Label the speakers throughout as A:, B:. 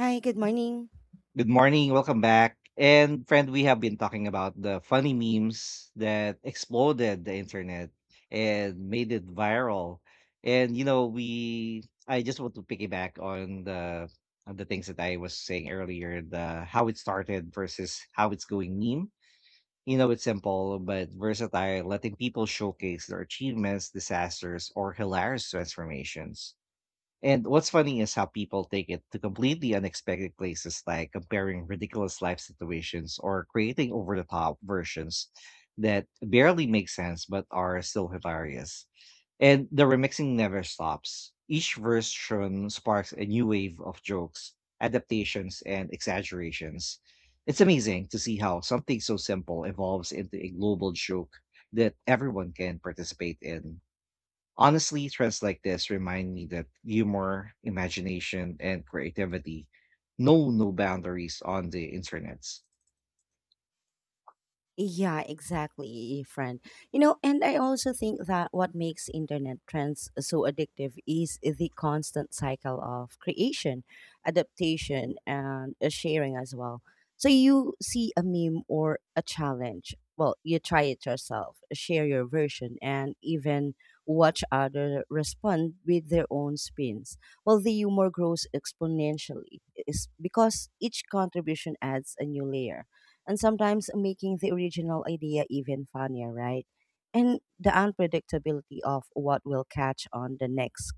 A: Hi, good morning.
B: Good morning, welcome back. And friend, we have been talking about the funny memes that exploded the internet and made it viral. And you know, we I just want to piggyback on the things that I was saying earlier, the how it started versus how it's going meme. You know, it's simple but versatile, letting people showcase their achievements, disasters, or hilarious transformations. And what's funny is how people take it to completely unexpected places, like comparing ridiculous life situations or creating over the top versions that barely make sense but are still hilarious. And the remixing never stops. Each version sparks a new wave of jokes, adaptations, and exaggerations. It's amazing to see how something so simple evolves into a global joke that everyone can participate in. Honestly, trends like this remind me that humor, imagination, and creativity know no boundaries on the internet.
A: Yeah, exactly, friend. You know, and I also think that what makes internet trends so addictive is the constant cycle of creation, adaptation, and sharing as well. So you see a meme or a challenge. Well, you try it yourself, share your version, and even watch other respond with their own spins. Well, the humor grows exponentially is because each contribution adds a new layer and sometimes making the original idea even funnier, right? And the unpredictability of what will catch on the next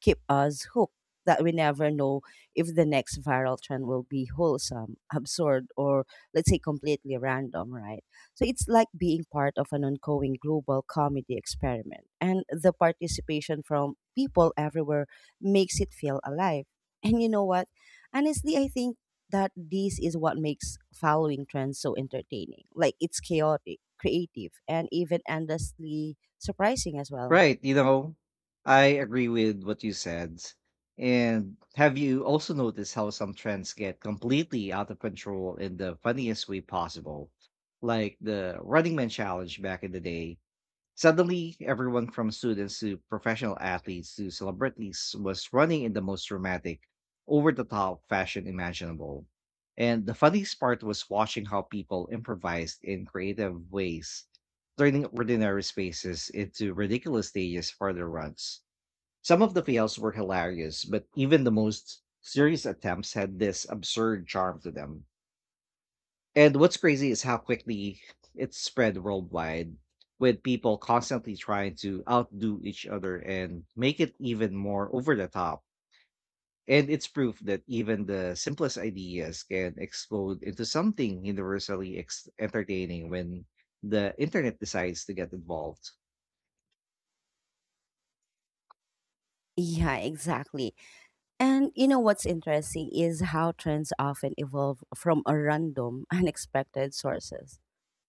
A: keep us hooked that we never know if the next viral trend will be wholesome, absurd, or let's say completely random, right? So it's like being part of an ongoing global comedy experiment. And the participation from people everywhere makes it feel alive. And you know what? Honestly, I think that this is what makes following trends so entertaining. Like it's chaotic, creative, and even endlessly surprising as well.
B: Right, you know, I agree with what you said. And have you also noticed how some trends get completely out of control in the funniest way possible? Like the Running Man challenge back in the day. Suddenly, everyone from students to professional athletes to celebrities was running in the most dramatic, over the top fashion imaginable. And the funniest part was watching how people improvised in creative ways, turning ordinary spaces into ridiculous stages for their runs. Some of the fails were hilarious, but even the most serious attempts had this absurd charm to them. And what's crazy is how quickly it's spread worldwide, with people constantly trying to outdo each other and make it even more over the top. And it's proof that even the simplest ideas can explode into something entertaining when the internet decides to get involved.
A: Yeah, exactly. And you know what's interesting is how trends often evolve from a random, unexpected sources.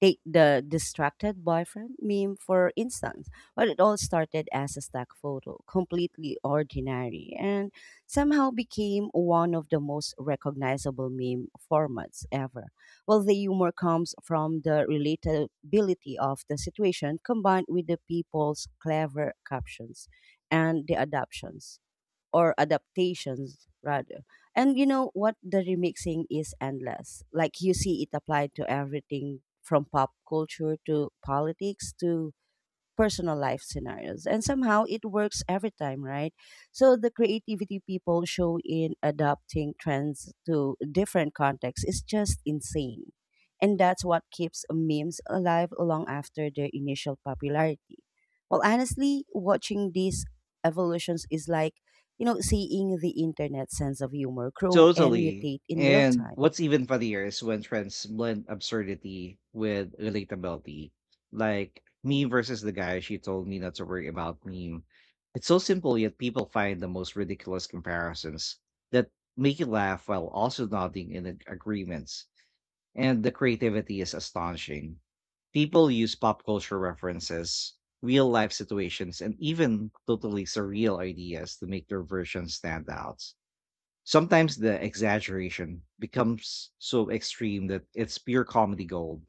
A: Take the distracted boyfriend meme, for instance. Well, it all started as a stock photo, completely ordinary, and somehow became one of the most recognizable meme formats ever. Well, the humor comes from the relatability of the situation combined with the people's clever captions and the adaptations or adaptations rather. And you know what? The remixing is endless. Like you see it applied to everything from pop culture to politics to personal life scenarios, and somehow it works every time, right? So the creativity people show in adapting trends to different contexts is just insane, and that's what keeps memes alive long after their initial popularity. Well, honestly, watching these evolutions is like, you know, seeing the internet sense of humor grow and
B: Totally.
A: mutate in real
B: And
A: time.
B: what's even funnier is when friends blend absurdity with relatability, like me versus the guy she told me not to worry about meme. It's so simple, yet people find the most ridiculous comparisons that make you laugh while also nodding in agreements. And the creativity is astonishing. People use pop culture references, real life situations, and even totally surreal ideas to make their versions stand out. Sometimes the exaggeration becomes so extreme that it's pure comedy gold,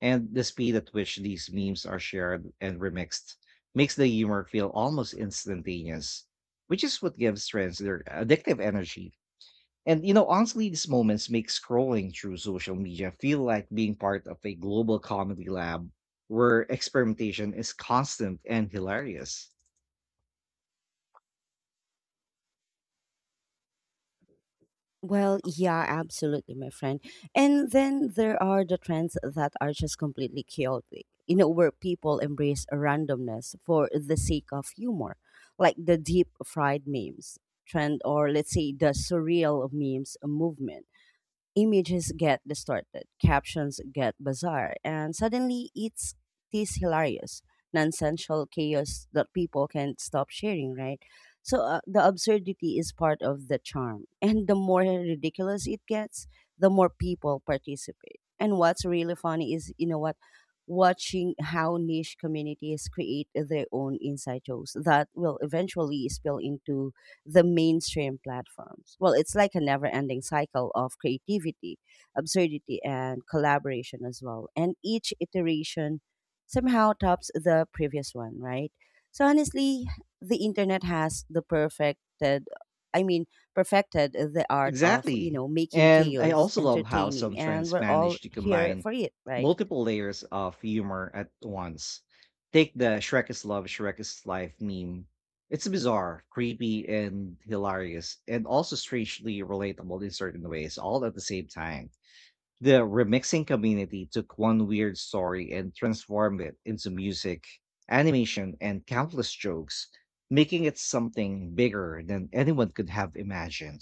B: and the speed at which these memes are shared and remixed makes the humor feel almost instantaneous, which is what gives trends their addictive energy. And you know, honestly, these moments make scrolling through social media feel like being part of a global comedy lab where experimentation is constant and hilarious.
A: Well, yeah, absolutely, my friend. And then there are the trends that are just completely chaotic, you know, where people embrace randomness for the sake of humor, like the deep fried memes trend, or let's say the surreal memes movement. Images get distorted, captions get bizarre, and suddenly it's this hilarious, nonsensical chaos that people can't stop sharing, right? So the absurdity is part of the charm. And the more ridiculous it gets, the more people participate. And what's really funny is, you know what, watching how niche communities create their own inside jokes that will eventually spill into the mainstream platforms. Well, it's like a never ending cycle of creativity, absurdity, and collaboration as well. And each iteration somehow tops the previous one, right? So, honestly, the internet has the perfected, I mean, perfected the art of, you
B: Exactly.
A: know, making
B: And I
A: chaos
B: also love how
A: entertaining.
B: some
A: And
B: trends
A: we're all
B: manage to
A: here
B: combine
A: for it, right?
B: multiple layers of humor at once. Take the Shrek is Love, Shrek is Life meme. It's bizarre, creepy, and hilarious, and also strangely relatable in certain ways, all at the same time. The remixing community took one weird story and transformed it into music, animation, and countless jokes, making it something bigger than anyone could have imagined.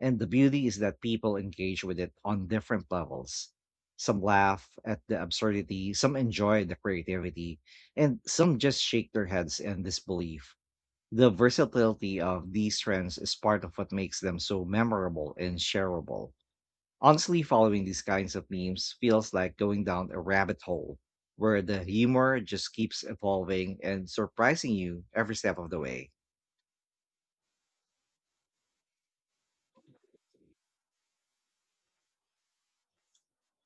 B: And the beauty is that people engage with it on different levels. Some laugh at the absurdity, some enjoy the creativity, and some just shake their heads in disbelief. The versatility of these trends is part of what makes them so memorable and shareable. Honestly, following these kinds of memes feels like going down a rabbit hole where the humor just keeps evolving and surprising you every step of the way.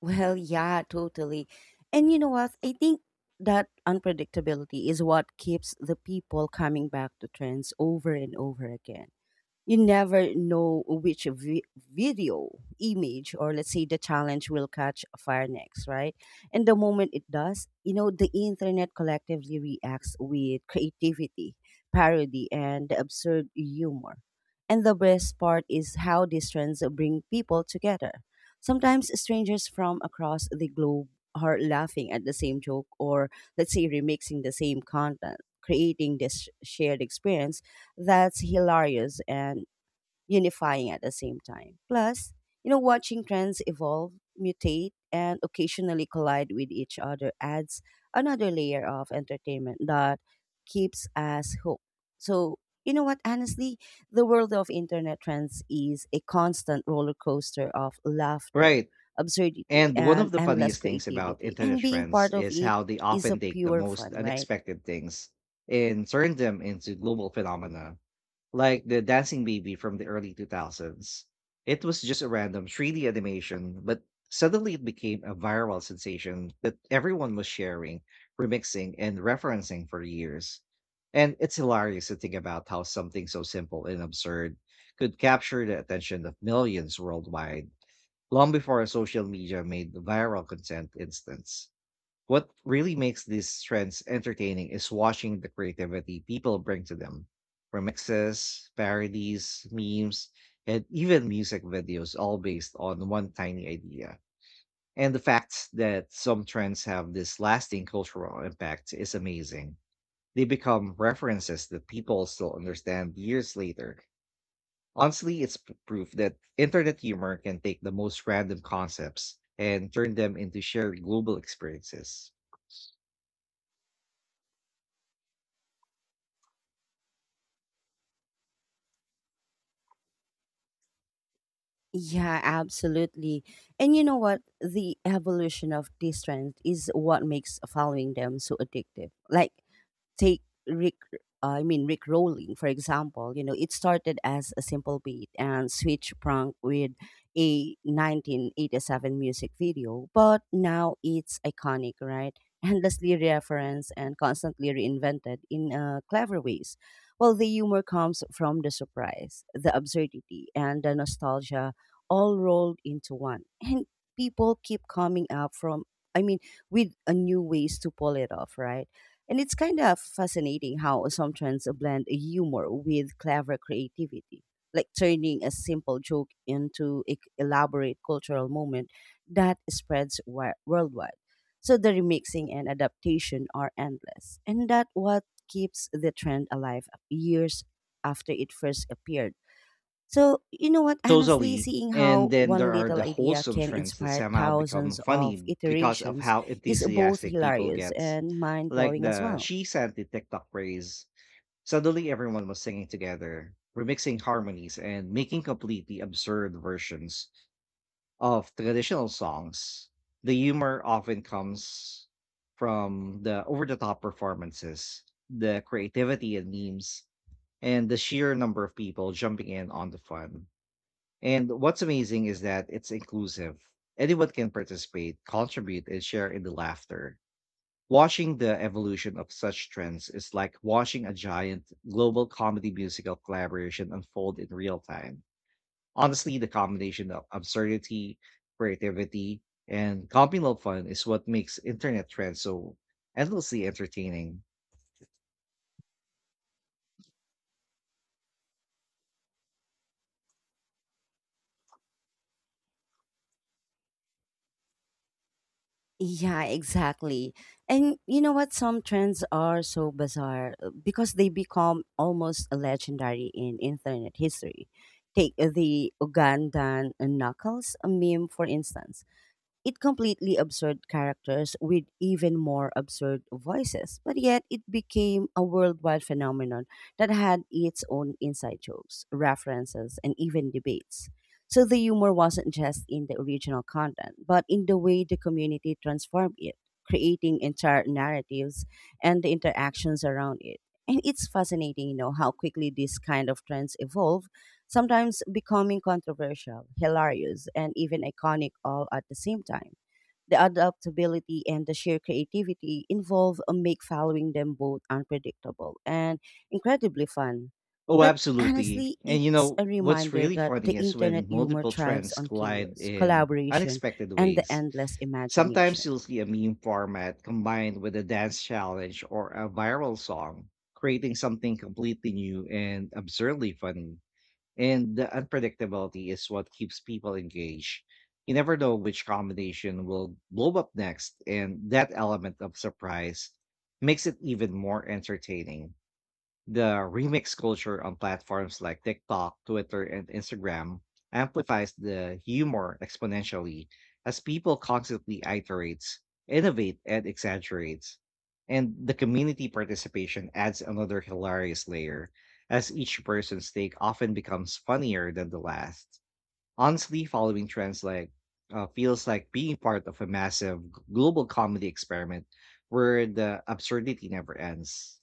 A: Well, yeah, totally. And you know what? I think that unpredictability is what keeps the people coming back to trends over and over again. You never know which video, image, or let's say the challenge will catch fire next, right? And the moment it does, you know, the internet collectively reacts with creativity, parody, and absurd humor. And the best part is how these trends bring people together. Sometimes strangers from across the globe are laughing at the same joke or, let's say, remixing the same content, creating this shared experience that's hilarious and unifying at the same time. Plus, you know, watching trends evolve, mutate, and occasionally collide with each other adds another layer of entertainment that keeps us hooked. So, you know what, honestly, the world of internet trends is a constant roller coaster of laughter,
B: Right.
A: absurdity,
B: And one of
A: and
B: the
A: endless
B: funniest things about
A: creativity.
B: internet
A: And being
B: trends
A: part of
B: is
A: it
B: how they
A: is a
B: often take the
A: pure
B: most
A: fun, right?
B: unexpected things and turn them into global phenomena. Like the Dancing Baby from the early 2000s. It was just a random 3D animation, but suddenly it became a viral sensation that everyone was sharing, remixing, and referencing for years. And it's hilarious to think about how something so simple and absurd could capture the attention of millions worldwide long before social media made viral content instants. What really makes these trends entertaining is watching the creativity people bring to them. Remixes, parodies, memes, and even music videos, all based on one tiny idea. And the fact that some trends have this lasting cultural impact is amazing. They become references that people still understand years later. Honestly, it's proof that internet humor can take the most random concepts and turn them into shared global experiences.
A: Yeah, absolutely. And you know what? The evolution of these trends is what makes following them so addictive. Like, take Rick, I mean Rick Rolling, for example. You know, it started as a simple beat and switch prank with a 1987 music video, but now it's iconic, right? Endlessly referenced and constantly reinvented in clever ways. Well, the humor comes from the surprise, the absurdity, and the nostalgia all rolled into one. And people keep coming up from, I mean, with a new ways to pull it off, right? And it's kind of fascinating how assumptions blend humor with clever creativity, like turning a simple joke into an elaborate cultural moment that spreads worldwide. So the remixing and adaptation are endless, and that what keeps the trend alive years after it first appeared. So, you know what, honestly,
B: Totally.
A: seeing
B: And
A: how
B: then
A: one
B: there are
A: little
B: the
A: idea
B: wholesome
A: can
B: trends that
A: inspire
B: somehow become
A: thousands of
B: funny because of
A: iterations
B: how
A: is both
B: enthusiastic people
A: hilarious
B: get.
A: and mind
B: Like
A: blowing as
B: the
A: well.
B: She Santi TikTok craze. Suddenly everyone was singing together, remixing harmonies and making completely absurd versions of traditional songs. The humor often comes from the over the top performances, the creativity and memes, and the sheer number of people jumping in on the fun. And what's amazing is that it's inclusive. Anyone can participate, contribute, and share in the laughter. Watching the evolution of such trends is like watching a giant global comedy musical collaboration unfold in real time. Honestly, the combination of absurdity, creativity, and communal fun is what makes internet trends so endlessly entertaining.
A: Yeah, exactly. And you know what? Some trends are so bizarre because they become almost legendary in internet history. Take the Ugandan knuckles meme, for instance. It completely absurd characters with even more absurd voices, but yet it became a worldwide phenomenon that had its own inside jokes, references, and even debates. So the humor wasn't just in the original content, but in the way the community transformed it, creating entire narratives and the interactions around it. And it's fascinating, you know, how quickly these kind of trends evolve, sometimes becoming controversial, hilarious, and even iconic all at the same time. The adaptability and the sheer creativity involved make following them both unpredictable and incredibly fun.
B: Oh,
A: But
B: absolutely.
A: honestly,
B: And you
A: it's
B: know,
A: a
B: what's
A: reminder
B: really
A: that the
B: funny is
A: internet
B: when
A: humor
B: multiple
A: thrives
B: trends
A: on
B: collide
A: chaos,
B: in
A: collaboration,
B: unexpected
A: and the
B: ways.
A: endless
B: Sometimes
A: imagination.
B: you'll see a meme format combined with a dance challenge or a viral song, creating something completely new and absurdly funny. And the unpredictability is what keeps people engaged. You never know which combination will blow up next, and that element of surprise makes it even more entertaining. The remix culture on platforms like TikTok, Twitter, and Instagram amplifies the humor exponentially as people constantly iterates, innovate, and exaggerates. And the community participation adds another hilarious layer, as each person's take often becomes funnier than the last. Honestly, following trends like feels like being part of a massive global comedy experiment where the absurdity never ends.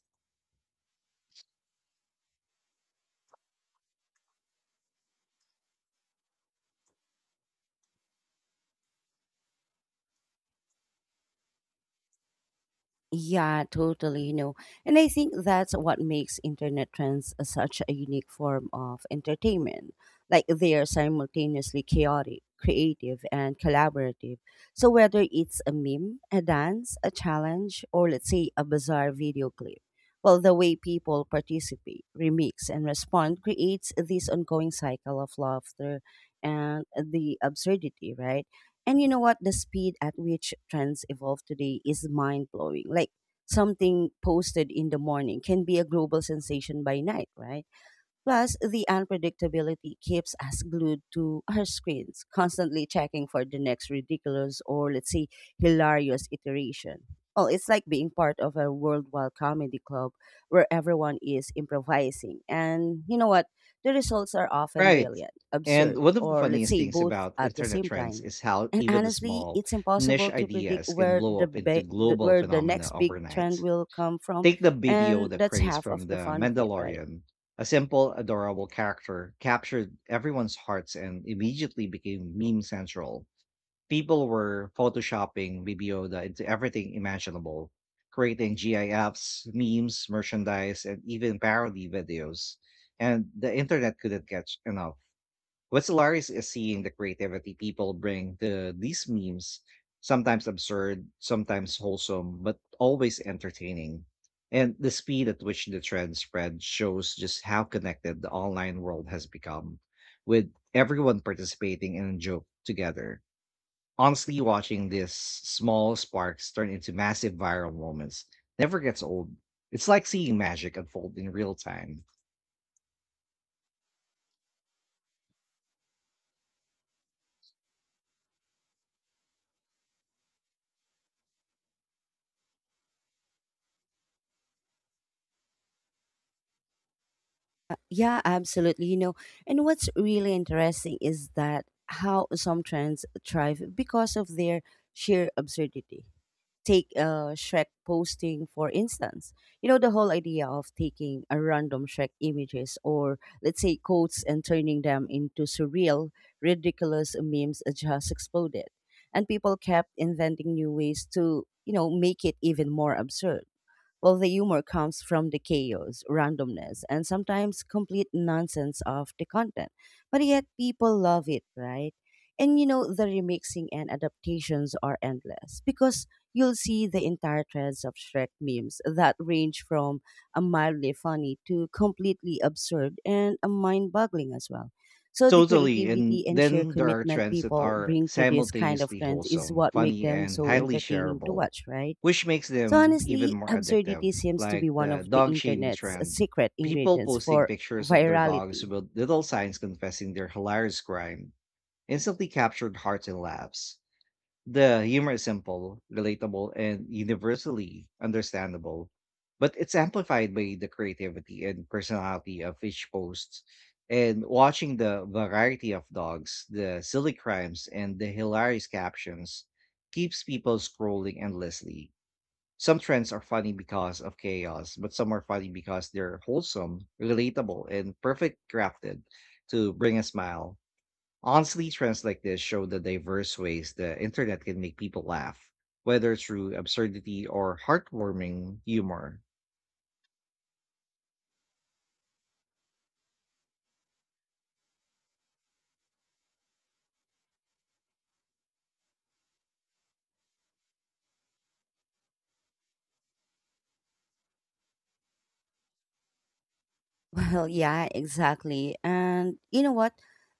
A: Yeah, totally, you know. And I think that's what makes internet trends such a unique form of entertainment. Like they are simultaneously chaotic, creative, and collaborative. So whether it's a meme, a dance, a challenge, or let's say a bizarre video clip, well, the way people participate, remix, and respond creates this ongoing cycle of laughter and the absurdity, right? And you know what? The speed at which trends evolve today is mind blowing. Like something posted in the morning can be a global sensation by night, right? Plus, the unpredictability keeps us glued to our screens, constantly checking for the next ridiculous or, let's say, hilarious iteration. Well, it's like being part of a worldwide comedy club where everyone is improvising. And you know what? The results are often
B: Right.
A: brilliant,
B: And
A: absurd,
B: one of the
A: or let's
B: funniest
A: say
B: things
A: both
B: about
A: at the
B: internet
A: same
B: trends
A: time.
B: is how
A: And
B: even the
A: honestly,
B: small
A: it's
B: niche
A: impossible to predict
B: ideas can
A: where
B: blow
A: the,
B: up into
A: be- the
B: global
A: where the
B: phenomena
A: next big trend
B: overnight.
A: will come from,
B: Take the Baby
A: and
B: Yoda
A: that's
B: craze
A: half of
B: from
A: the
B: The
A: fun of it, right?
B: Mandalorian. A simple, adorable character captured everyone's hearts and immediately became meme central. People were photoshopping Baby Yoda into everything imaginable, creating GIFs, memes, merchandise, and even parody videos. And the internet couldn't catch enough. What's hilarious is seeing the creativity people bring to these memes, sometimes absurd, sometimes wholesome, but always entertaining. And the speed at which the trend spread shows just how connected the online world has become, with everyone participating in a joke together. Honestly, watching these small sparks turn into massive viral moments never gets old. It's like seeing magic unfold in real time.
A: Yeah, absolutely. You know, and what's really interesting is that how some trends thrive because of their sheer absurdity. Take Shrek posting, for instance. You know, the whole idea of taking a random Shrek images or, let's say, quotes and turning them into surreal, ridiculous memes just exploded. And people kept inventing new ways to, you know, make it even more absurd. Well, the humor comes from the chaos, randomness, and sometimes complete nonsense of the content. But yet people love it, right? And you know, the remixing and adaptations are endless because you'll see the entire threads of Shrek memes that range from a mildly funny to completely absurd and mind boggling as well. So the
B: Totally.
A: creativity
B: And
A: and sheer
B: then there are
A: commitment
B: trends that
A: people
B: are
A: bring to this kind of
B: simultaneously
A: trends is
B: wholesome,
A: what make
B: funny,
A: them
B: and
A: so
B: highly
A: entertaining to
B: shareable,
A: watch, right?
B: which makes
A: So
B: them even
A: honestly,
B: more addictive.
A: absurdity seems to be
B: Like
A: one
B: the
A: of the
B: dog shaming
A: internet's
B: trend,
A: secret
B: people
A: ingredients
B: posting
A: for
B: pictures of their dogs
A: virality.
B: with little signs confessing their hilarious crime instantly captured hearts and laughs. The humor is simple, relatable, and universally understandable, but it's amplified by the creativity and personality of each host. And watching the variety of dogs, the silly crimes, and the hilarious captions keeps people scrolling endlessly. Some trends are funny because of chaos, but some are funny because they're wholesome, relatable, and perfect crafted to bring a smile. Honestly, trends like this show the diverse ways the internet can make people laugh, whether through absurdity or heartwarming humor.
A: Well, yeah, exactly. And you know what?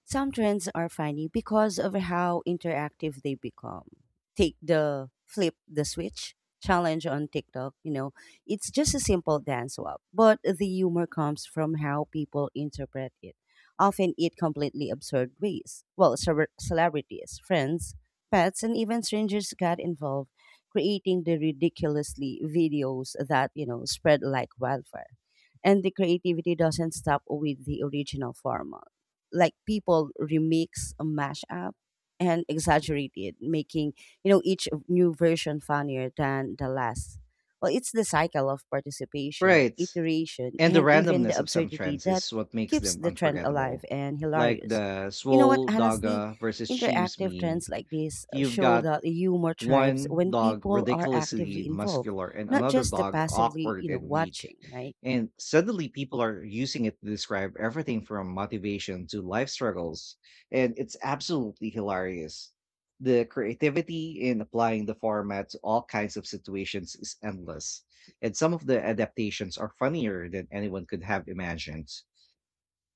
A: Some trends are funny because of how interactive they become. Take the flip the switch challenge on TikTok, you know, it's just a simple dance swap, but the humor comes from how people interpret it, often in completely absurd ways. Well, celebrities, friends, pets, and even strangers got involved, creating the ridiculously videos that, you know, spread like wildfire. And the creativity doesn't stop with the original format. Like people remix, mash up, and exaggerate it, making, you know, each new version funnier than the last. Well, it's the cycle of participation,
B: Right.
A: iteration,
B: And the
A: and even the
B: randomness of some
A: absurdity
B: trends
A: that
B: is what makes
A: keeps
B: them
A: the trend alive
B: unforgettable.
A: and
B: Like
A: hilarious.
B: the
A: You know what?
B: Swole
A: Honestly,
B: Daga versus Sheems
A: interactive
B: meme.
A: trends like this
B: You've
A: show
B: got
A: that humor thrives
B: one
A: when
B: dog
A: people are
B: ridiculously
A: actively involved,
B: muscular and
A: not
B: another
A: just the
B: dog
A: passively,
B: awkward
A: you know,
B: and weak.
A: watching, right?
B: And suddenly people are using it to describe everything from motivation to life struggles. And it's absolutely hilarious. The creativity in applying the format to all kinds of situations is endless. And some of the adaptations are funnier than anyone could have imagined.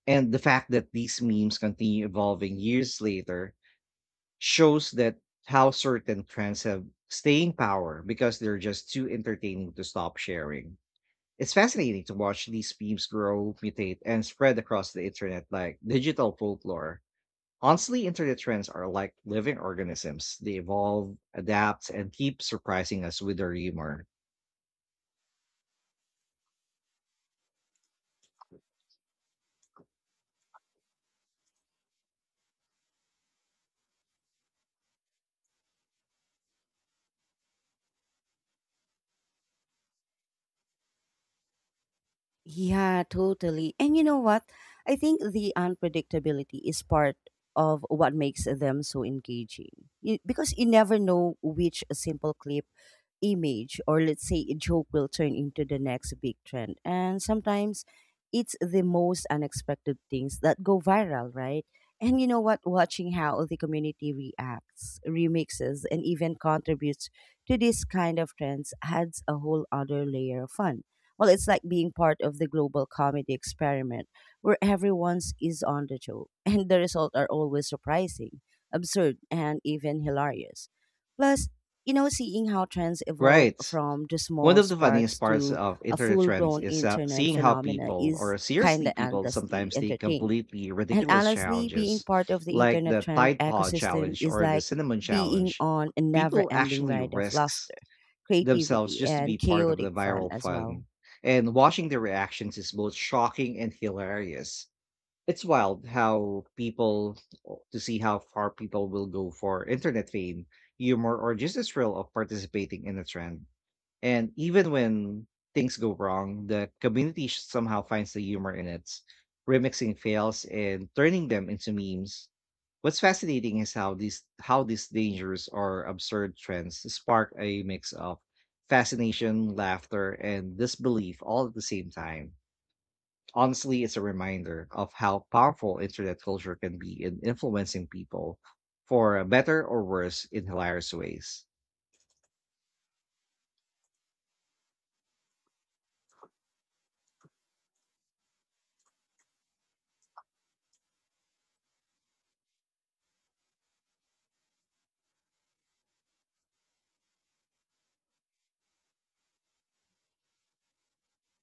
B: And the fact that these memes continue evolving years later shows that how certain trends have staying power because they're just too entertaining to stop sharing. It's fascinating to watch these memes grow, mutate, and spread across the internet like digital folklore. Honestly, internet trends are like living organisms. They evolve, adapt, and keep surprising us with their humor.
A: Yeah, totally. And you know what? I think the unpredictability is part of what makes them so engaging. You, because you never know which simple clip, image, or let's say a joke will turn into the next big trend. And sometimes it's the most unexpected things that go viral, right? And you know what? Watching how the community reacts, remixes, and even contributes to this kind of trends adds a whole other layer of fun. Well, it's like being part of the global comedy experiment where everyone's is on the joke, and the results are always surprising, absurd, and even hilarious. Plus, you know, seeing how trends evolve
B: Right.
A: from the
B: One
A: small
B: of the
A: sparks
B: funniest parts
A: to
B: of
A: a
B: internet
A: full
B: trends
A: blown
B: is
A: internet
B: seeing how
A: phenomena
B: people,
A: is
B: or
A: kind
B: seriously
A: of
B: people,
A: endlessly
B: sometimes take
A: entertaining.
B: completely
A: And
B: ridiculous
A: honestly, being
B: challenges,
A: part of the
B: like
A: internet
B: the
A: trend
B: Tide Pod
A: ecosystem
B: challenge
A: is
B: or the
A: like
B: Cinnamon
A: being
B: challenge.
A: on a never
B: People
A: ending
B: actually
A: ride of
B: risks
A: laughter,
B: themselves
A: creativity,
B: just to be
A: and
B: part of the
A: chaotic fun
B: viral
A: as well.
B: fun, and watching their reactions is both shocking and hilarious. It's wild how people to see how far people will go for internet fame, humor, or just the thrill of participating in a trend. And even when things go wrong, the community somehow finds the humor in it, remixing fails and turning them into memes. What's fascinating is how these dangers or absurd trends spark a mix of fascination, laughter, and disbelief all at the same time. Honestly, it's a reminder of how powerful internet culture can be in influencing people for better or worse in hilarious ways.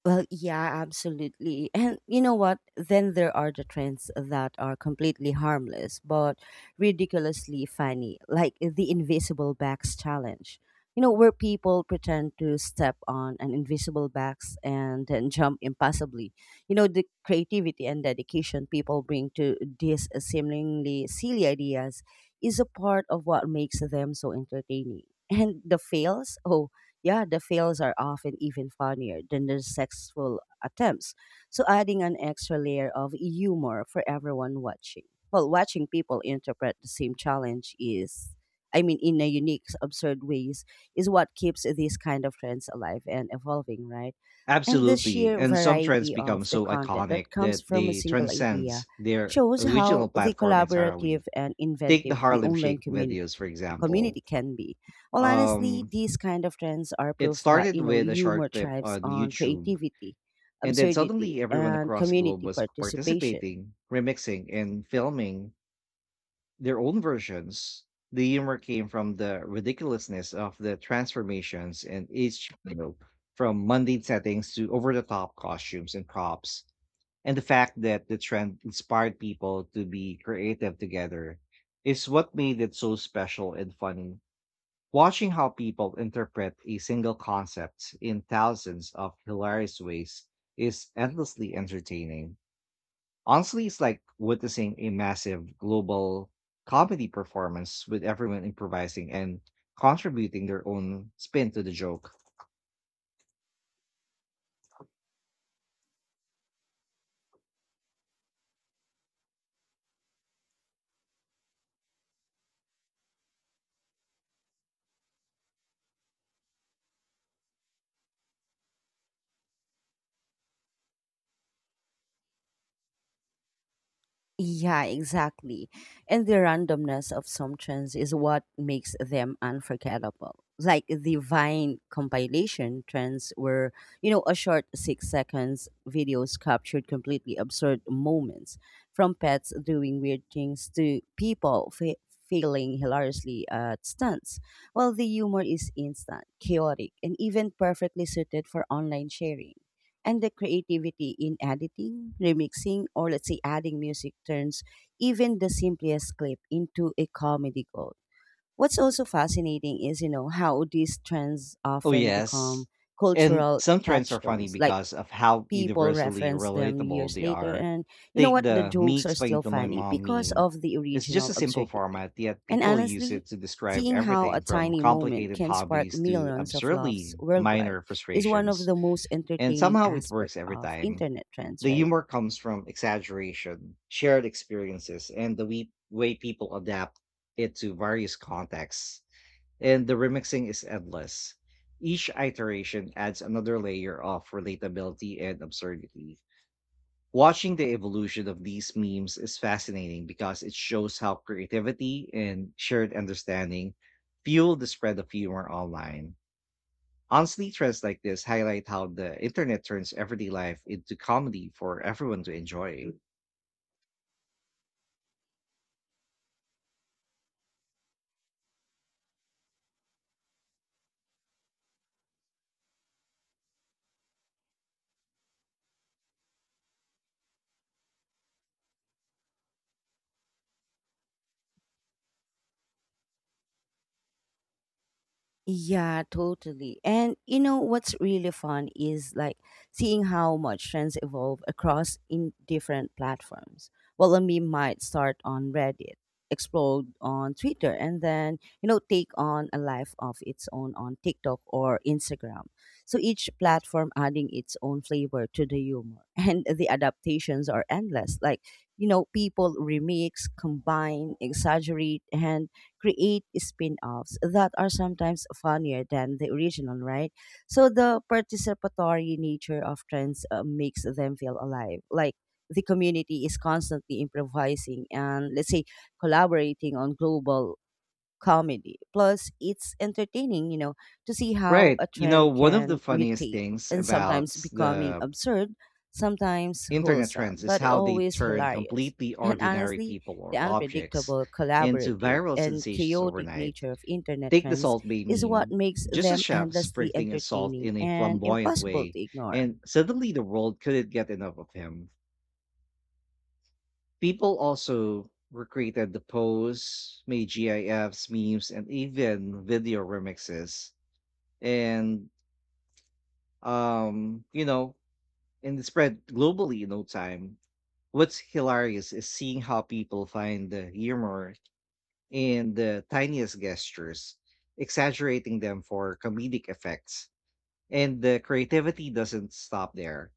A: Well, yeah, absolutely. And you know what? Then there are the trends that are completely harmless but ridiculously funny, like the invisible bags challenge. You know, where people pretend to step on an invisible bags and then jump impossibly. You know, the creativity and dedication people bring to these seemingly silly ideas is a part of what makes them so entertaining. And the fails, oh, yeah, the fails are often even funnier than the successful attempts. So adding an extra layer of humor for everyone watching. Well, watching people interpret the same challenge is, I mean, in a unique, absurd ways, is what keeps these kind of trends alive and evolving, right? And the
B: Absolutely.
A: sheer
B: And some trends
A: variety
B: become
A: of the
B: so
A: content
B: iconic
A: that comes
B: that
A: from a
B: they
A: single idea
B: transcends their
A: shows how
B: original
A: the
B: platform
A: collaborative
B: entirely.
A: and
B: Take the
A: inventive the
B: Harlem
A: online
B: Shake
A: community
B: videos, for
A: community
B: example.
A: can be. Well, honestly,
B: Um,
A: these kind of trends are
B: it
A: proof that,
B: started
A: you know,
B: with a
A: humor
B: short clip
A: thrives
B: on
A: on
B: YouTube,
A: creativity,
B: and then
A: absurdity,
B: suddenly everyone
A: and
B: across the globe
A: community
B: was
A: participation.
B: participating, remixing, and filming their own versions. The humor came from the ridiculousness of the transformations and each you know, from mundane settings to over the top costumes and props. And the fact that the trend inspired people to be creative together is what made it so special and funny. Watching how people interpret a single concept in thousands of hilarious ways is endlessly entertaining. Honestly, it's like witnessing a massive global comedy performance with everyone improvising and contributing their own spin to the joke.
A: Yeah, exactly. And the randomness of some trends is what makes them unforgettable. Like the Vine compilation trends were, a short 6 seconds videos captured completely absurd moments from pets doing weird things to people failing hilariously at stunts. While the humor is instant, chaotic, and even perfectly suited for online sharing. And the creativity in editing, remixing, or let's say adding music turns even the simplest clip into a comedy gold. What's also fascinating is, how these trends
B: Oh,
A: often
B: yes.
A: become
B: And
A: cultural
B: some trends are funny
A: touchstones. Like
B: because of how
A: people
B: universally
A: reference them
B: relatable
A: years
B: they
A: later
B: are.
A: and you know
B: Take
A: what, the
B: the me
A: jokes are
B: explaining
A: still
B: to my
A: funny
B: mom
A: because
B: meme.
A: of the
B: It's just
A: original
B: a simple
A: absurdity.
B: format, yet
A: And
B: people use
A: honestly,
B: it to describe
A: seeing how a
B: everything from
A: tiny moment
B: complicated
A: can spark
B: hobbies to
A: millions of laughs
B: absurdly
A: worldwide
B: minor
A: is one of
B: frustrations.
A: the most
B: And
A: entertaining
B: somehow it works
A: aspects
B: every
A: of
B: time.
A: internet trends,
B: The
A: right?
B: humor comes from exaggeration, shared experiences, and the way people adapt it to various contexts, and the remixing is endless. Each iteration adds another layer of relatability and absurdity. Watching the evolution of these memes is fascinating because it shows how creativity and shared understanding fuel the spread of humor online. Honestly, trends like this highlight how the internet turns everyday life into comedy for everyone to enjoy.
A: Yeah, totally. And you know what's really fun is like seeing how much trends evolve across in different platforms. Well, a meme might start on Reddit, explode on Twitter, and then you know take on a life of its own on TikTok or Instagram. So each platform adding its own flavor to the humor, and the adaptations are endless. Like you know, people remix, combine, exaggerate, and create spin-offs that are sometimes funnier than the original, right? So the participatory nature of trends makes them feel alive. Like the community is constantly improvising and let's say collaborating on global comedy. Plus, it's entertaining, to see how
B: Right.
A: a
B: You know,
A: trend
B: one of the
A: can
B: funniest
A: mutate
B: things
A: and
B: about
A: sometimes becoming
B: the
A: absurd, sometimes
B: internet
A: wholesome,
B: trends is
A: but
B: how they
A: always
B: turn
A: hilarious.
B: completely
A: And
B: ordinary
A: honestly,
B: people
A: the
B: or objects
A: unpredictable,
B: into
A: collaborative,
B: viral
A: and
B: sensations
A: chaotic
B: overnight.
A: nature of internet
B: Take the
A: trends
B: Salt Bay
A: is what
B: meme,
A: makes
B: just a
A: them
B: chef
A: endlessly
B: sprinkling his salt
A: entertaining
B: in a
A: and
B: flamboyant
A: impossible
B: way,
A: to ignore.
B: and suddenly the world couldn't get enough of him. People also recreated the pose, made GIFs, memes, and even video remixes. And um, you know, and it spread globally in no time. What's hilarious is seeing how people find the humor in the tiniest gestures, exaggerating them for comedic effects. And the creativity doesn't stop there.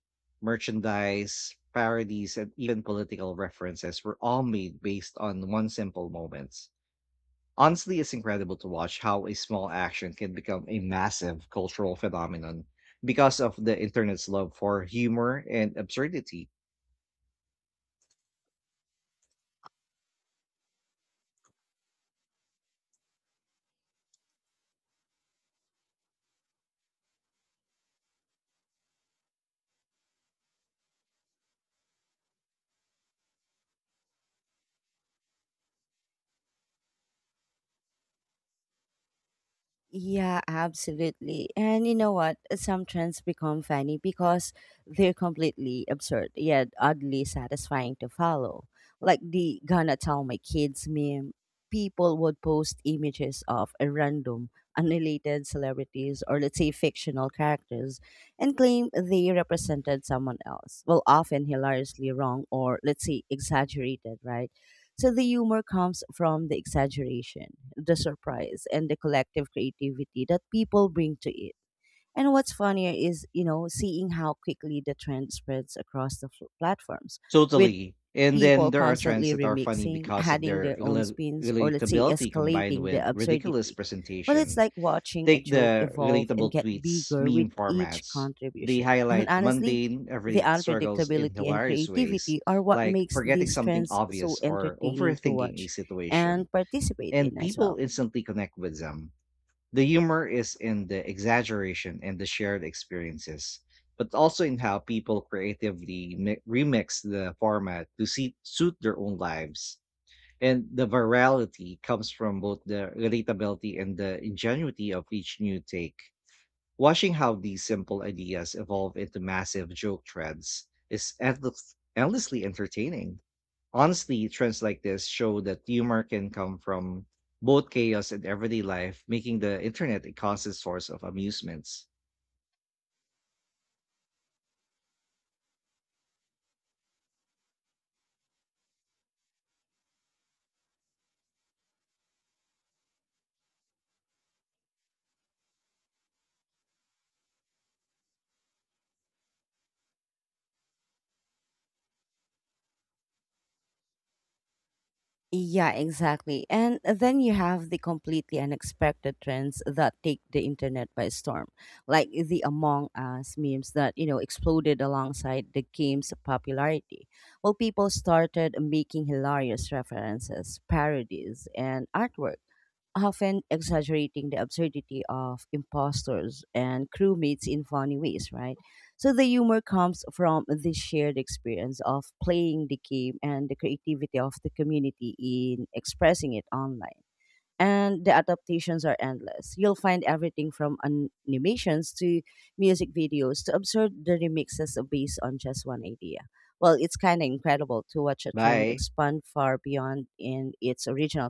B: Merchandise, parodies, and even political references were all made based on one simple moments. Honestly, it's incredible to watch how a small action can become a massive cultural phenomenon because of the internet's love for humor and absurdity.
A: Yeah, absolutely. And you know what? Some trends become funny because they're completely absurd, yet oddly satisfying to follow. Like the gonna tell my kids meme, people would post images of a random, unrelated celebrities or let's say fictional characters and claim they represented someone else. Well, often hilariously wrong or let's say exaggerated, right? So the humor comes from the exaggeration, the surprise, and the collective creativity that people bring to it. And what's funnier is, seeing how quickly the trend spreads across the platforms with
B: Totally. And then
A: people
B: there are trends
A: constantly
B: that are funny
A: remixing,
B: because of
A: adding
B: their
A: their own spins, or let's say
B: relatability combined
A: escalating the
B: with ridiculous
A: absurdity. Well, it's
B: presentation.
A: like watching a
B: Take
A: joke
B: the
A: evolve and
B: relatable
A: get
B: tweets,
A: bigger
B: meme
A: with each
B: formats. They
A: contribution. And
B: highlight
A: honestly,
B: mundane,
A: the
B: everyday struggles in
A: unpredictability and
B: hilarious ways,
A: creativity are what
B: like
A: makes
B: forgetting
A: these
B: something
A: trends so
B: obvious or
A: entertaining to
B: overthinking a
A: watch
B: situation.
A: and participate in
B: And
A: as
B: people
A: well.
B: instantly connect with them. The humor is in the exaggeration and the shared experiences, but also in how people creatively remix the format to suit their own lives. And the virality comes from both the relatability and the ingenuity of each new take. Watching how these simple ideas evolve into massive joke threads is endlessly entertaining. Honestly, trends like this show that humor can come from both chaos and everyday life, making the internet a constant source of amusements.
A: Yeah, exactly. And then you have the completely unexpected trends that take the internet by storm, like the Among Us memes that, exploded alongside the game's popularity. Well, people started making hilarious references, parodies, and artwork, often exaggerating the absurdity of imposters and crewmates in funny ways, right? So the humor comes from the shared experience of playing the game and the creativity of the community in expressing it online, and the adaptations are endless. You'll find everything from animations to music videos to absurd dirty mixes based on just one idea. Well, it's kind of incredible to watch a trend
B: Bye.
A: expand far beyond in its original